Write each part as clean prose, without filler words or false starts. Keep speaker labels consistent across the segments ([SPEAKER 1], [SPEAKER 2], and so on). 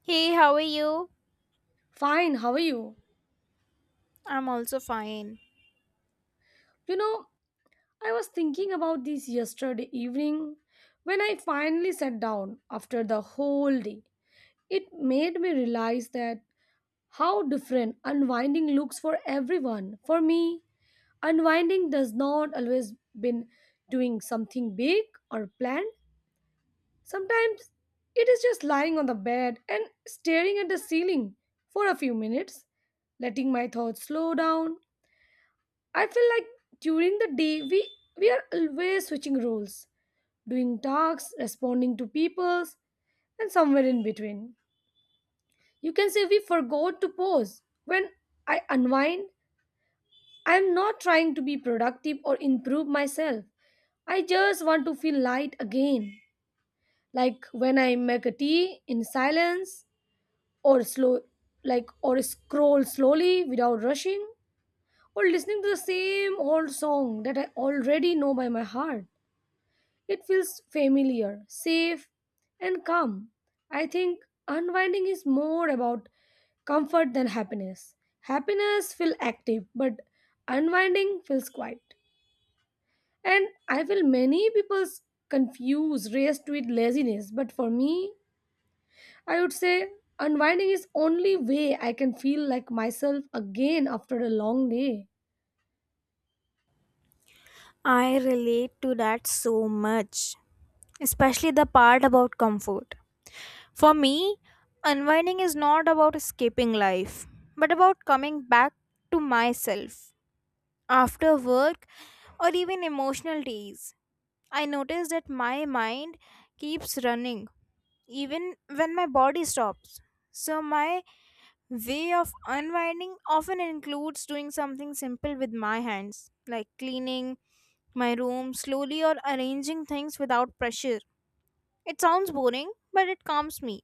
[SPEAKER 1] Hey, how are you?
[SPEAKER 2] Fine, how are you?
[SPEAKER 1] I'm also fine.
[SPEAKER 2] You know, I was thinking about this yesterday evening when I finally sat down after the whole day. It made me realize that how different unwinding looks for everyone. For me, unwinding does not always been doing something big or planned. Sometimes it is just lying on the bed and staring at the ceiling for a few minutes, letting my thoughts slow down. I feel like during the day we are always switching roles, doing tasks, responding to people's, and somewhere in between. You can say we forgot to pause. When I unwind, I am not trying to be productive or improve myself. I just want to feel light again. Like when I make a tea in silence or slow like or scroll slowly without rushing or listening to the same old song that I already know by my heart. It feels familiar, safe, and calm. I think unwinding is more about comfort than happiness. Happiness feels active, but unwinding feels quiet. And I feel many people confuse rest with laziness, but for me, I would say unwinding is only way I can feel like myself again after a long day.
[SPEAKER 1] I relate to that so much, especially the part about comfort. For me, unwinding is not about escaping life, but about coming back to myself. After work or even emotional days, I notice that my mind keeps running even when my body stops. So, my way of unwinding often includes doing something simple with my hands, like cleaning my room slowly or arranging things without pressure. It sounds boring, but it calms me.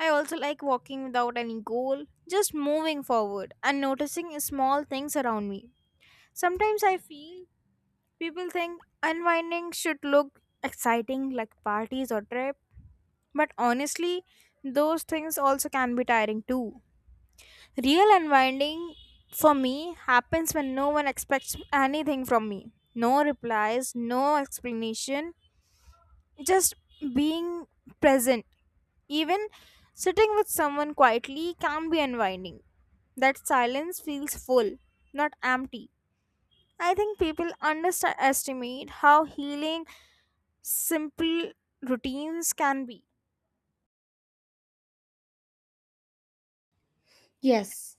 [SPEAKER 1] I also like walking without any goal, just moving forward and noticing small things around me. Sometimes I feel people think unwinding should look exciting like parties or trip, but honestly, those things also can be tiring too. Real unwinding for me happens when no one expects anything from me. No replies, no explanation, just being present. Even sitting with someone quietly can be unwinding. That silence feels full, not empty. I think people underestimate how healing simple routines can be.
[SPEAKER 2] Yes,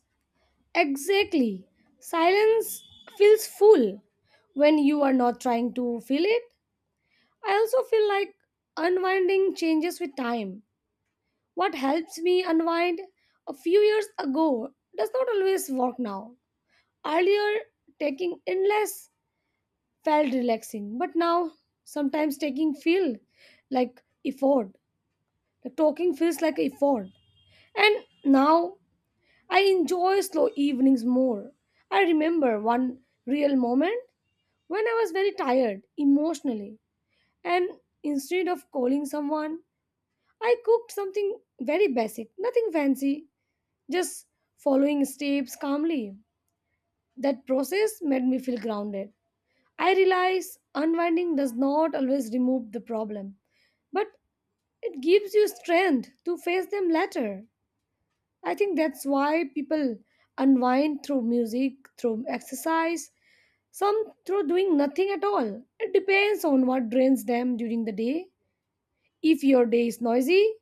[SPEAKER 2] exactly. Silence feels full when you are not trying to fill it. I also feel like unwinding changes with time. What helps me unwind a few years ago does not always work now. Earlier, taking endless felt relaxing, but now sometimes taking feel like effort. Talking feels like effort. And now I enjoy slow evenings more. I remember one real moment when I was very tired emotionally, and instead of calling someone, I cooked something very basic, nothing fancy, just following steps calmly. That process made me feel grounded. I realize unwinding does not always remove the problem, but it gives you strength to face them later. I think that's why people unwind through music, through exercise, some through doing nothing at all. It depends on what drains them during the day. If your day is noisy,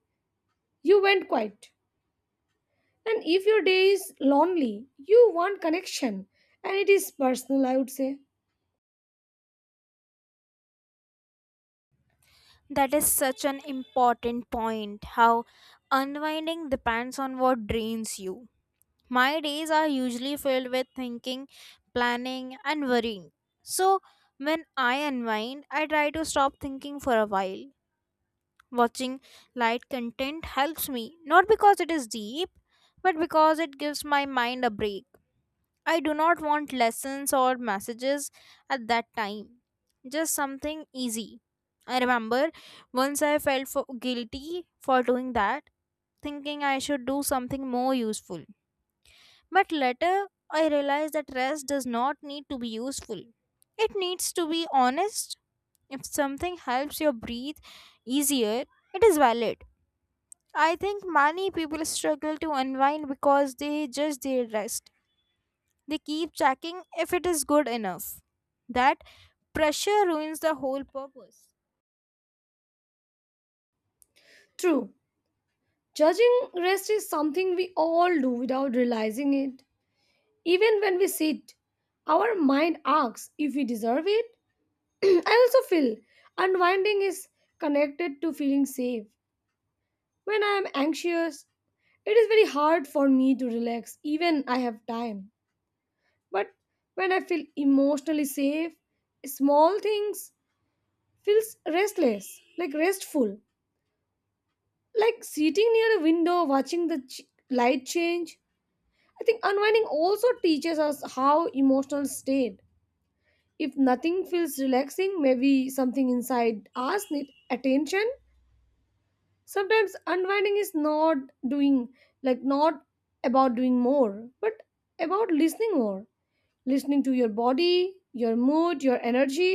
[SPEAKER 2] you went quiet. And if your day is lonely, you want connection. And it is personal, I would say.
[SPEAKER 1] That is such an important point. How unwinding depends on what drains you. My days are usually filled with thinking, planning, and worrying. So, when I unwind, I try to stop thinking for a while. Watching light content helps me, not because it is deep, but because it gives my mind a break. I do not want lessons or messages at that time, just something easy. I remember once I felt for guilty for doing that, thinking I should do something more useful. But later, I realized that rest does not need to be useful. It needs to be honest. If something helps you breathe easier, it is valid. I think many people struggle to unwind because they judge their rest. They keep checking if it is good enough. That pressure ruins the whole purpose.
[SPEAKER 2] True. Judging rest is something we all do without realizing it. Even when we sit, our mind asks if we deserve it. I also feel unwinding is connected to feeling safe. When I am anxious, it is very hard for me to relax, even I have time. But when I feel emotionally safe, small things feels restless, like restful, like sitting near a window watching the light change. I think unwinding also teaches us how emotional state. If nothing feels relaxing, maybe something inside us need attention. Sometimes unwinding is not doing, like not about doing more but about listening more, listening to your body, your mood, your energy.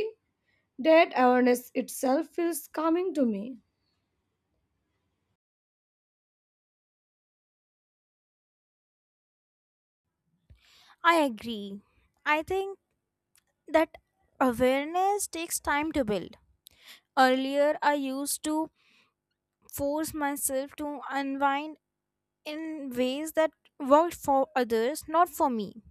[SPEAKER 2] That awareness itself feels calming to me.
[SPEAKER 1] I agree. I think that awareness takes time to build. Earlier, I used to force myself to unwind in ways that worked for others, not for me.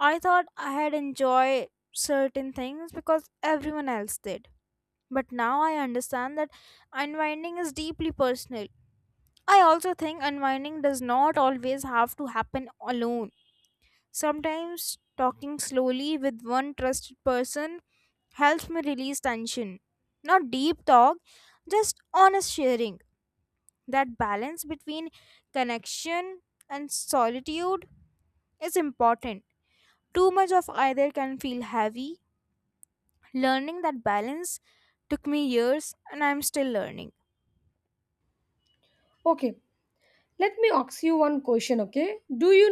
[SPEAKER 1] I thought I had enjoyed certain things because everyone else did. But now I understand that unwinding is deeply personal. I also think unwinding does not always have to happen alone. Sometimes talking slowly with one trusted person helps me release tension. Not deep talk, just honest sharing. That balance between connection and solitude is important. Too much of either can feel heavy. Learning that balance took me years and I'm still learning.
[SPEAKER 2] Okay, let me ask you one question. Okay, do you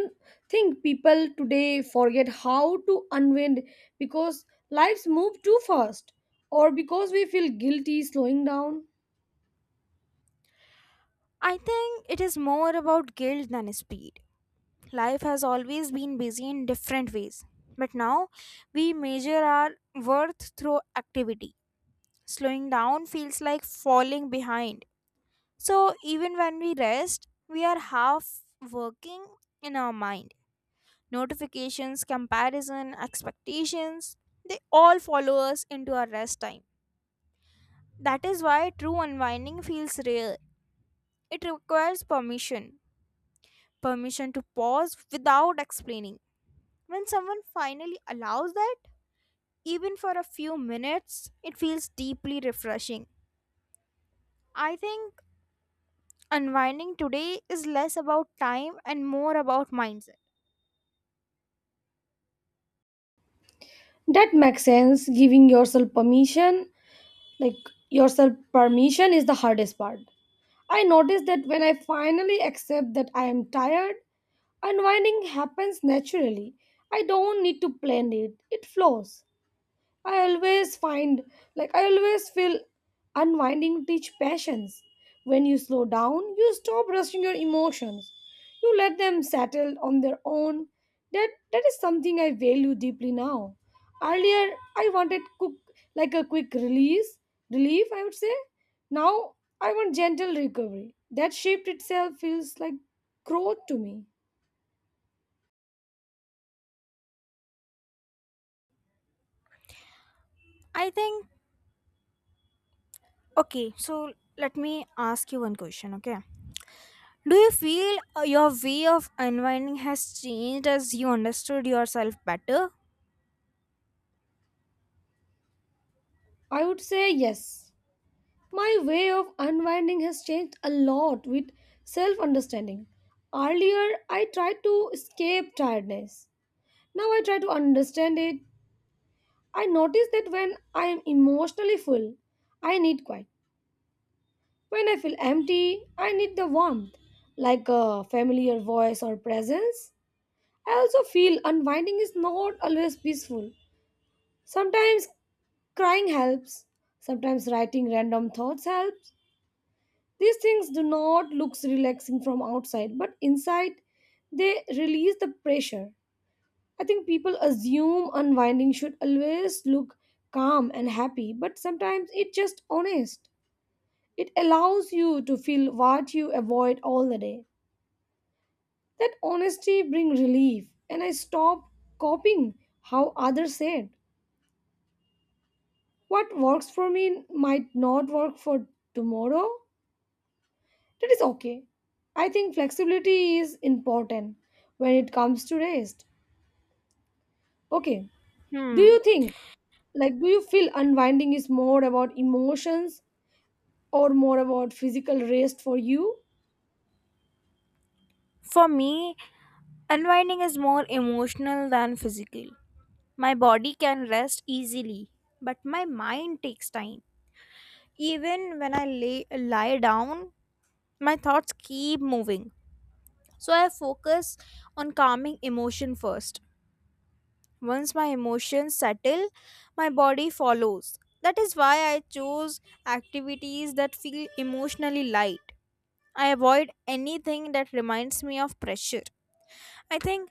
[SPEAKER 2] think people today forget how to unwind because lives move too fast, or because we feel guilty slowing down?
[SPEAKER 1] I think it is more about guilt than speed. Life has always been busy in different ways, but now we measure our worth through activity. Slowing down feels like falling behind. So even when we rest, we are half working in our mind. Notifications, comparison, expectations, they all follow us into our rest time. That is why true unwinding feels rare. It requires permission. Permission to pause without explaining. When someone finally allows that, even for a few minutes, it feels deeply refreshing. I think unwinding today is less about time and more about mindset.
[SPEAKER 2] That makes sense. Giving yourself permission, like your self permission is the hardest part. I notice that when I finally accept that I am tired, unwinding happens naturally. I don't need to plan it, it flows. I always find, I always feel unwinding teach patience. When you slow down, you stop rushing your emotions. You let them settle on their own. That is something I value deeply now. Earlier, I wanted cook like a quick release, relief, I would say. Now, I want gentle recovery. That shift itself feels like growth to me.
[SPEAKER 1] I think, okay, so let me ask you one question, okay? Do you feel your way of unwinding has changed as you understood yourself better?
[SPEAKER 2] I would say yes. My way of unwinding has changed a lot with self understanding. Earlier, I tried to escape tiredness. Now I try to understand it. I notice that when I am emotionally full, I need quiet. When I feel empty, I need the warmth, like a familiar voice or presence. I also feel unwinding is not always peaceful. Sometimes crying helps, sometimes writing random thoughts helps. These things do not look relaxing from outside, but inside they release the pressure. I think people assume unwinding should always look calm and happy, but sometimes it's just honest. It allows you to feel what you avoid all the day. That honesty brings relief, and I stop copying how others said. What works for me might not work for tomorrow. That is okay. I think flexibility is important when it comes to rest. Okay. Do
[SPEAKER 1] Hmm.
[SPEAKER 2] you think, do you feel unwinding is more about emotions or more about physical rest for you?
[SPEAKER 1] For me, unwinding is more emotional than physical. My body can rest easily, but my mind takes time. Even when lie down, my thoughts keep moving. So I focus on calming emotion first. Once my emotions settle, my body follows. That is why I choose activities that feel emotionally light. I avoid anything that reminds me of pressure. I think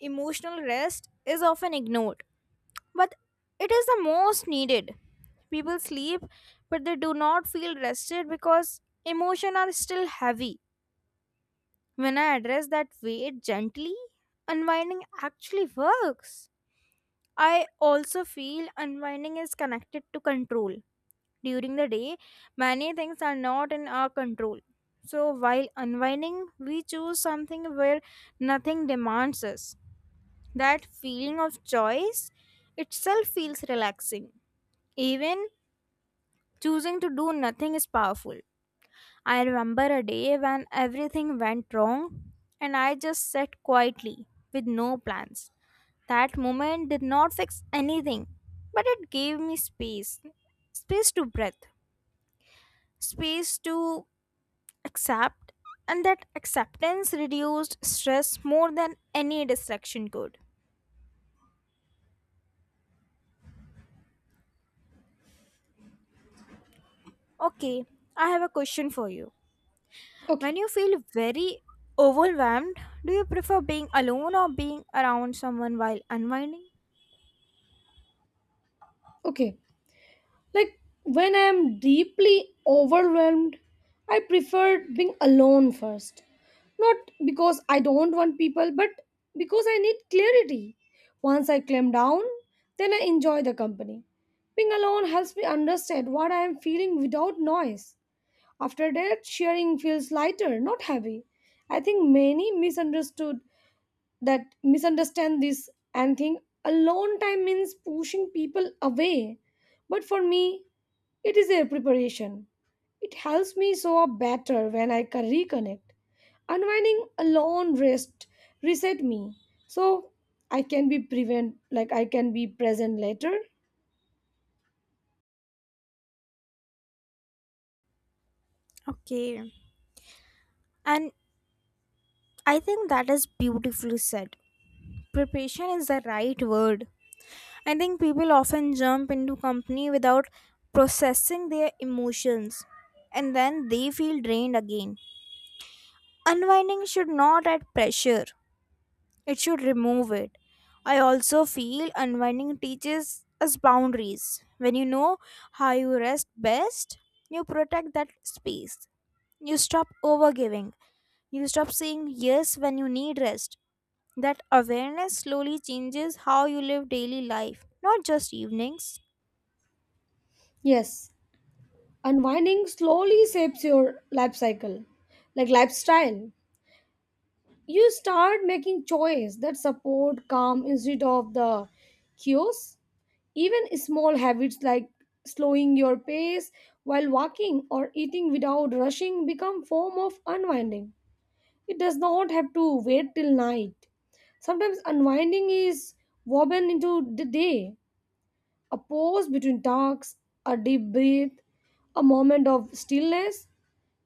[SPEAKER 1] emotional rest is often ignored, but it is the most needed. People sleep, but they do not feel rested because emotions are still heavy. When I address that weight gently, unwinding actually works. I also feel unwinding is connected to control. During the day, many things are not in our control. So, while unwinding, we choose something where nothing demands us. That feeling of choice itself feels relaxing. Even choosing to do nothing is powerful. I remember a day when everything went wrong and I just sat quietly with no plans. That moment did not fix anything, but it gave me space to breathe, space to accept, and that acceptance reduced stress more than any distraction could. Okay, I have a question for you.
[SPEAKER 2] Okay.
[SPEAKER 1] When you feel very overwhelmed, do you prefer being alone or being around someone while unwinding?
[SPEAKER 2] Okay, like when I am deeply overwhelmed, I prefer being alone first. Not because I don't want people, but because I need clarity. Once I clam down, then I enjoy the company. Being alone helps me understand what I am feeling without noise. After that, sharing feels lighter, not heavy. I think many misunderstood that misunderstand this and think alone time means pushing people away. But for me, it is a preparation. It helps me show up better when I can reconnect. Unwinding alone rest reset me so I can be present later.
[SPEAKER 1] Okay, and I think that is beautifully said. Preparation is the right word. I think people often jump into company without processing their emotions and then they feel drained again. Unwinding should not add pressure, it should remove it. I also feel unwinding teaches us boundaries. When you know how you rest best, you protect that space. You stop overgiving. You stop saying yes when you need rest. That awareness slowly changes how you live daily life, not just evenings.
[SPEAKER 2] Yes, unwinding slowly shapes your life cycle, like lifestyle. You start making choice that support calm instead of the chaos. Even small habits like slowing your pace while walking or eating without rushing become form of unwinding. It does not have to wait till night. Sometimes unwinding is woven into the day, a pause between tasks, a deep breath, a moment of stillness.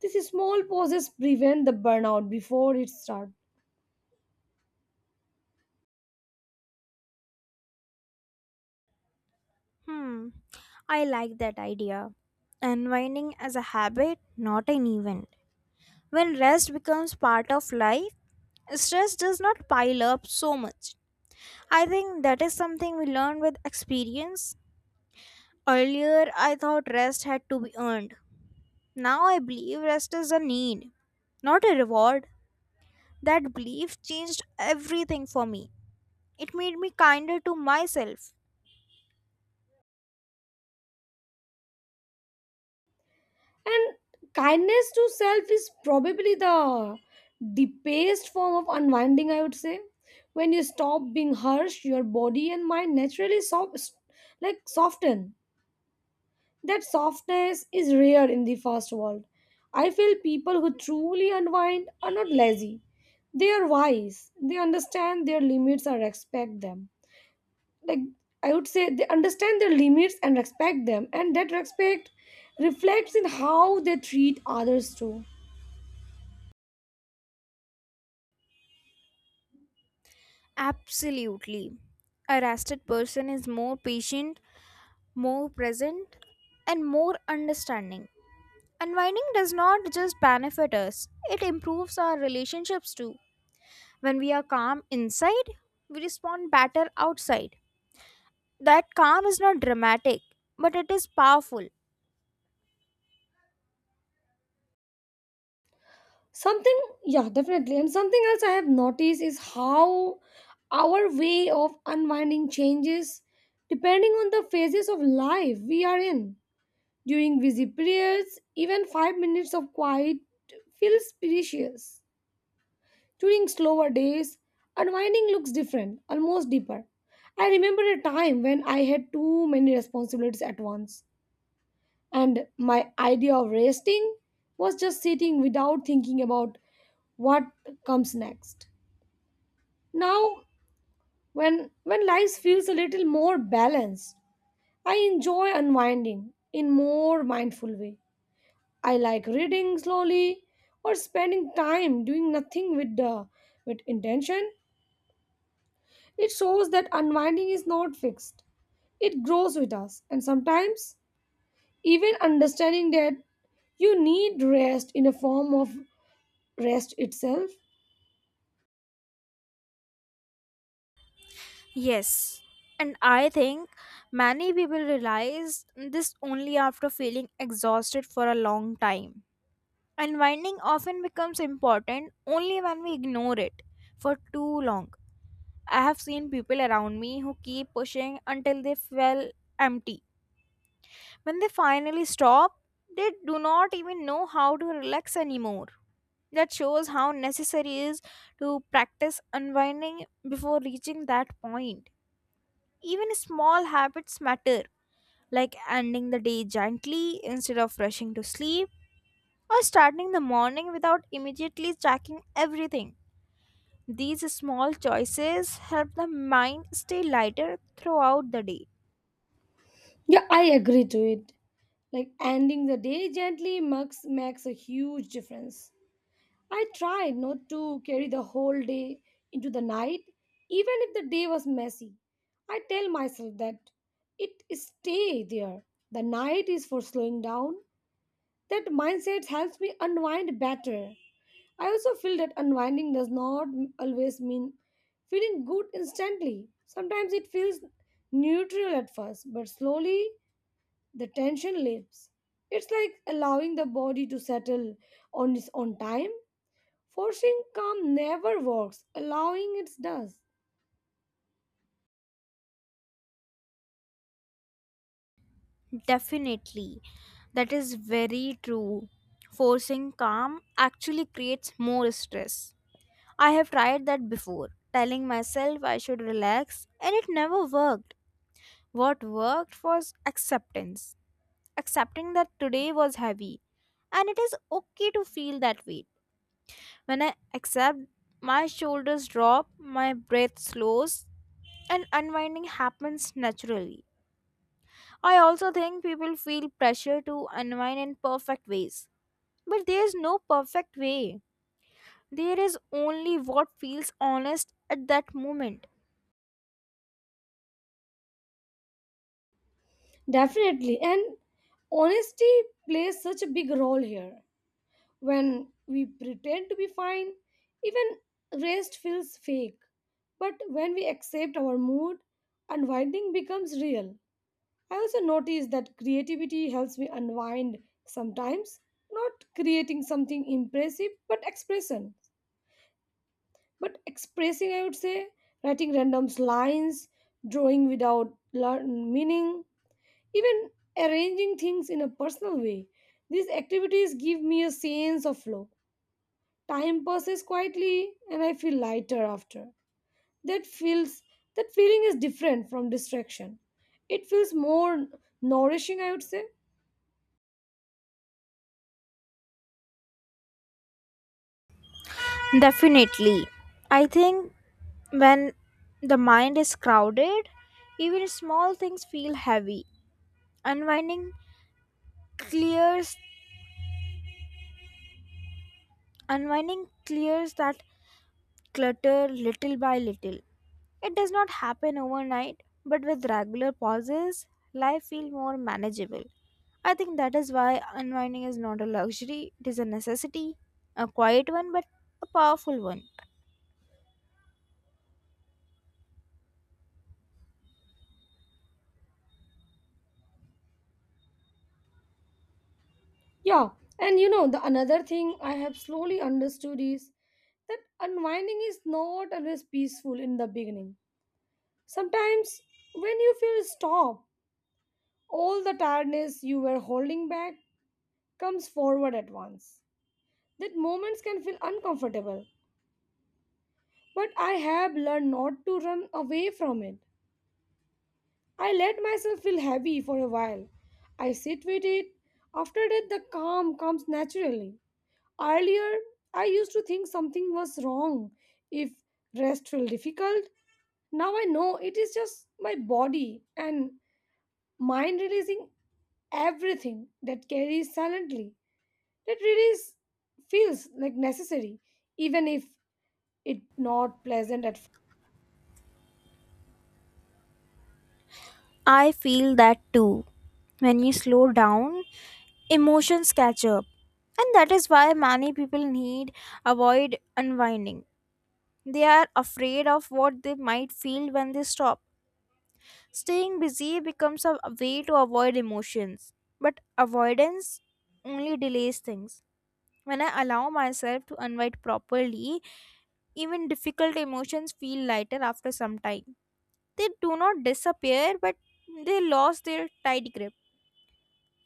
[SPEAKER 2] These small pauses prevent the burnout before it starts.
[SPEAKER 1] Hmm, I like that idea. Unwinding as a habit, not an event. When rest becomes part of life, stress does not pile up so much. I think that is something we learn with experience. Earlier, I thought rest had to be earned. Now I believe rest is a need, not a reward. That belief changed everything for me. It made me kinder to myself.
[SPEAKER 2] And kindness to self is probably the deepest form of unwinding, I would say. When you stop being harsh, your body and mind naturally soft, like soften. That softness is rare in the first world. I feel people who truly unwind are not lazy. They are wise. They understand their limits and respect them, like I would say they understand their limits and respect them, and that respect reflects in how they treat others too.
[SPEAKER 1] Absolutely. A rested person is more patient, more present, and more understanding. Unwinding does not just benefit us, it improves our relationships too. When we are calm inside, we respond better outside. That calm is not dramatic, but it is powerful.
[SPEAKER 2] Something, yeah, definitely. And something else I have noticed is how our way of unwinding changes depending on the phases of life we are in. During busy periods, even 5 minutes of quiet feels precious. During slower days, unwinding looks different, almost deeper. I remember a time when I had too many responsibilities at once, and my idea of resting was just sitting without thinking about what comes next. Now, when life feels a little more balanced, I enjoy unwinding in more mindful way. I like reading slowly or spending time doing nothing with intention. It shows that unwinding is not fixed, it grows with us, and sometimes even understanding that you need rest in a form of rest itself.
[SPEAKER 1] Yes, and I think many people realize this only after feeling exhausted for a long time. Unwinding often becomes important only when we ignore it for too long. I have seen people around me who keep pushing until they feel empty. When they finally stop, they do not even know how to relax anymore. That shows how necessary it is to practice unwinding before reaching that point. Even small habits matter, like ending the day gently instead of rushing to sleep, or starting the morning without immediately checking everything. These small choices help the mind stay lighter throughout the day.
[SPEAKER 2] Yeah, I agree to it. Like ending the day gently makes a huge difference. I try not to carry the whole day into the night, even if the day was messy. I tell myself that it stay there. The night is for slowing down. That mindset helps me unwind better. I also feel that unwinding does not always mean feeling good instantly. Sometimes it feels neutral at first, but slowly the tension lifts. It's like allowing the body to settle on its own time. Forcing calm never works, allowing it does.
[SPEAKER 1] Definitely. That is very true. Forcing calm actually creates more stress. I have tried that before, telling myself I should relax, and it never worked. What worked was acceptance. Accepting that today was heavy, and it is okay to feel that weight. When I accept, my shoulders drop, my breath slows, and unwinding happens naturally. I also think people feel pressure to unwind in perfect ways. But there is no perfect way. There is only what feels honest at that moment.
[SPEAKER 2] Definitely, and honesty plays such a big role here. When we pretend to be fine, even rest feels fake. But when we accept our mood, unwinding becomes real. I also notice that creativity helps me unwind sometimes, not creating something impressive, but expression. But expressing, I would say, writing random lines, drawing without learn meaning, even arranging things in a personal way. These activities give me a sense of flow. Time passes quietly and I feel lighter after. That feels that feeling is different from distraction. It feels more nourishing, I would say.
[SPEAKER 1] Definitely. I think when the mind is crowded, even small things feel heavy. Unwinding clears Unwinding clears that clutter little by little. It does not happen overnight, but with regular pauses, life feels more manageable. I think that is why unwinding is not a luxury, it is a necessity, a quiet one, but a powerful one.
[SPEAKER 2] Yeah, and you know the another thing I have slowly understood is that unwinding is not always peaceful in the beginning. Sometimes when you feel stop, all the tiredness you were holding back comes forward at once. That moments can feel uncomfortable, but I have learned not to run away from it. I let myself feel heavy for a while. I sit with it. After that, the calm comes naturally. Earlier, I used to think something was wrong if rest felt difficult. Now I know it is just my body and mind releasing everything that carries silently. That release feels like necessary, even if it not pleasant at first.
[SPEAKER 1] I feel that too. When you slow down, emotions catch up. And that is why many people need avoid unwinding. They are afraid of what they might feel when they stop. Staying busy becomes a way to avoid emotions, but avoidance only delays things. When I allow myself to unwind properly, even difficult emotions feel lighter after some time. They do not disappear, but they lost their tight grip.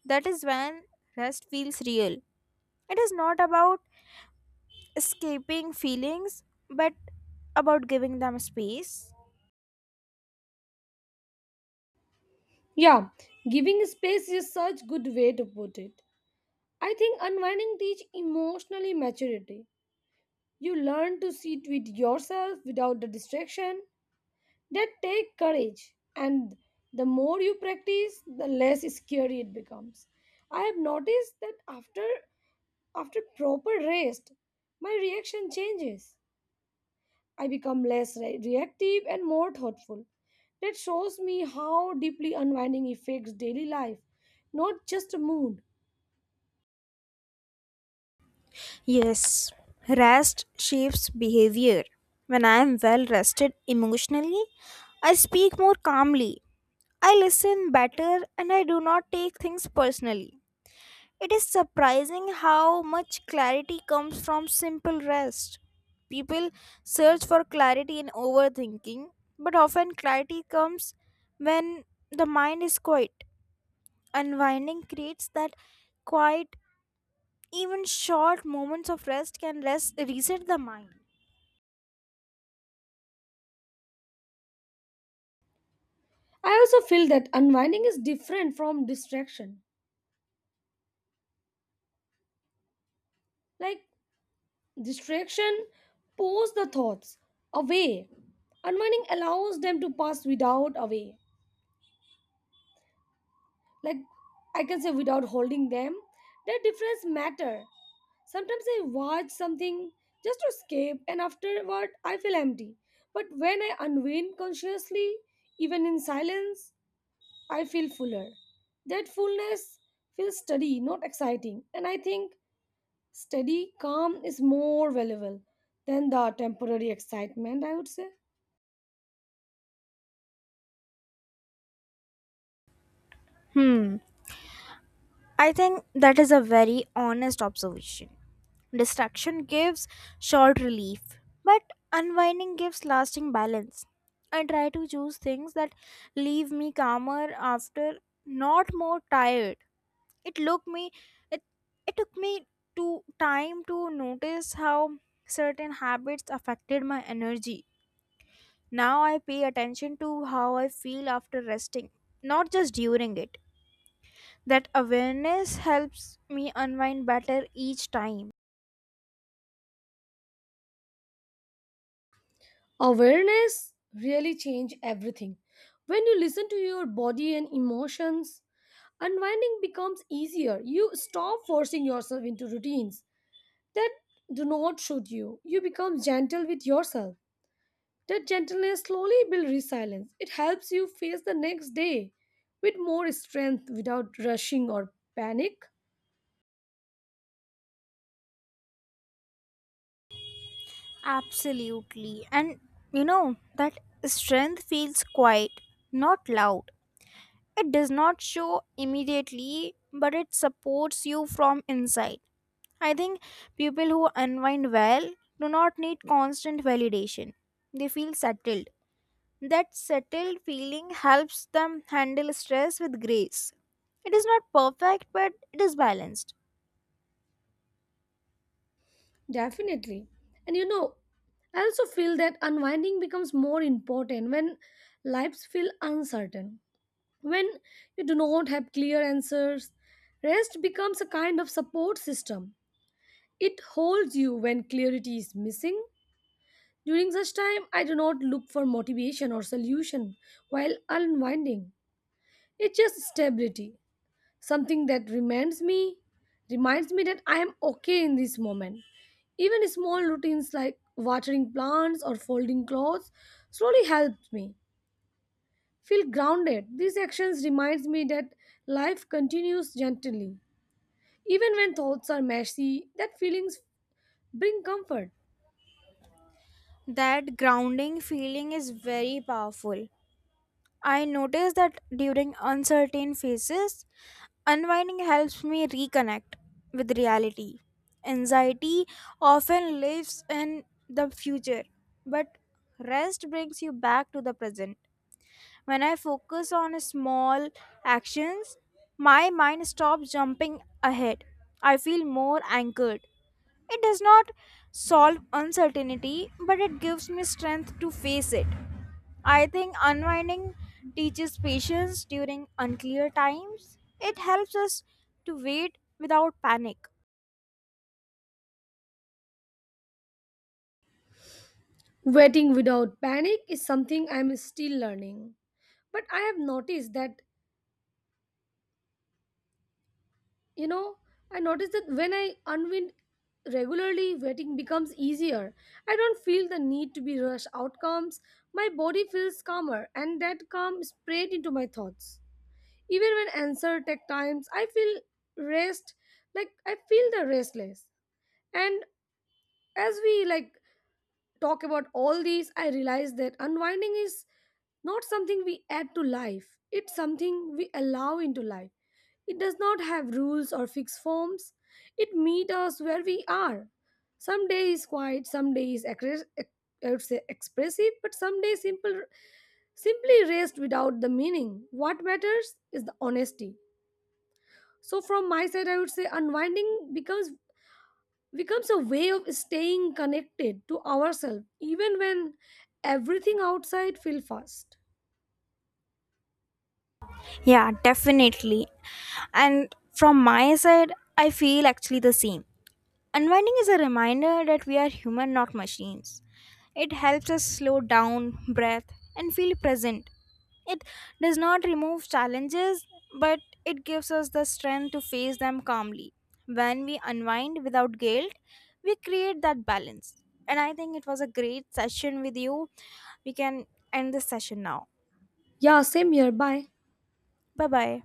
[SPEAKER 1] That is when rest feels real. It is not about escaping feelings, but about giving them space.
[SPEAKER 2] Yeah, giving space is such good way to put it. I think unwinding teach emotionally maturity. You learn to sit with yourself without the distraction that take courage. And the more you practice, the less scary it becomes. I have noticed that after proper rest, my reaction changes. I become less reactive and more thoughtful. That shows me how deeply unwinding affects daily life, not just a mood.
[SPEAKER 1] Yes, rest shapes behavior. When I am well rested emotionally, I speak more calmly, I listen better, and I do not take things personally. It is surprising how much clarity comes from simple rest. People search for clarity in overthinking, but often clarity comes when the mind is quiet. Unwinding creates that quiet even short moments of reset the mind.
[SPEAKER 2] I also feel that unwinding is different from distraction. Like distraction pulls the thoughts away. Unwinding allows them to pass without away. Like I can say without holding them. The difference matter. Sometimes I watch something just to escape and afterward I feel empty. But when I unwind consciously, even in silence, I feel fuller. That fullness feels steady, not exciting. And I think steady calm is more valuable than the temporary excitement, I would say.
[SPEAKER 1] Hmm. I think that is a very honest observation. Distraction gives short relief, but unwinding gives lasting balance. I try to choose things that leave me calmer after, not more tired. It look me it it took me to time to notice how certain habits affected my energy. Now I pay attention to how I feel after resting, not just during it. That awareness helps me unwind better each time.
[SPEAKER 2] Awareness really change everything. When you listen to your body and emotions, unwinding becomes easier. You stop forcing yourself into routines that do not suit you. You become gentle with yourself. That gentleness slowly builds resilience, it helps you face the next day with more strength without rushing or panic.
[SPEAKER 1] Absolutely. And you know, that strength feels quiet, not loud. It does not show immediately, but it supports you from inside. I think people who unwind well do not need constant validation. They feel settled. That settled feeling helps them handle stress with grace. It is not perfect, but it is balanced.
[SPEAKER 2] Definitely. And you know, I also feel that unwinding becomes more important when lives feel uncertain. When you do not have clear answers, rest becomes a kind of support system. It holds you when clarity is missing. During such time, I do not look for motivation or solution while unwinding. It's just stability, something that reminds me that I am okay in this moment. Even small routines like watering plants or folding clothes slowly helps me feel grounded. These actions reminds me that life continues gently. Even when thoughts are messy, that feelings bring comfort.
[SPEAKER 1] That grounding feeling is very powerful. I notice that during uncertain phases, unwinding helps me reconnect with reality. Anxiety often lives in the future, but rest brings you back to the present. When I focus on small actions, my mind stops jumping ahead. I feel more anchored. It does not solve uncertainty, but it gives me strength to face it. I think unwinding teaches patience during unclear times. It helps us to wait without panic.
[SPEAKER 2] Waiting without panic is something I am still learning. But I have noticed that You know, I noticed that when I unwind regularly, waiting becomes easier. I don't feel the need to be rushed outcomes. My body feels calmer, and that calm spread into my thoughts. Even when answer take times, I feel rest, like I feel the restless. And as we like talk about all these, I realize that unwinding is not something we add to life, it's something we allow into life. It does not have rules or fixed forms. It meets us where we are. Some days quiet, some days I would say expressive, but some days simple, simply rest without the meaning. What matters is the honesty. So from my side, I would say unwinding becomes a way of staying connected to ourselves even when everything outside feels fast.
[SPEAKER 1] Yeah, definitely. And from my side, I feel actually the same. Unwinding is a reminder that we are human, not machines. It helps us slow down, breath, and feel present. It does not remove challenges, but it gives us the strength to face them calmly. When we unwind without guilt, we create that balance. And I think it was a great session with you. We can end this session now.
[SPEAKER 2] Yeah, same here. Bye.
[SPEAKER 1] Bye bye.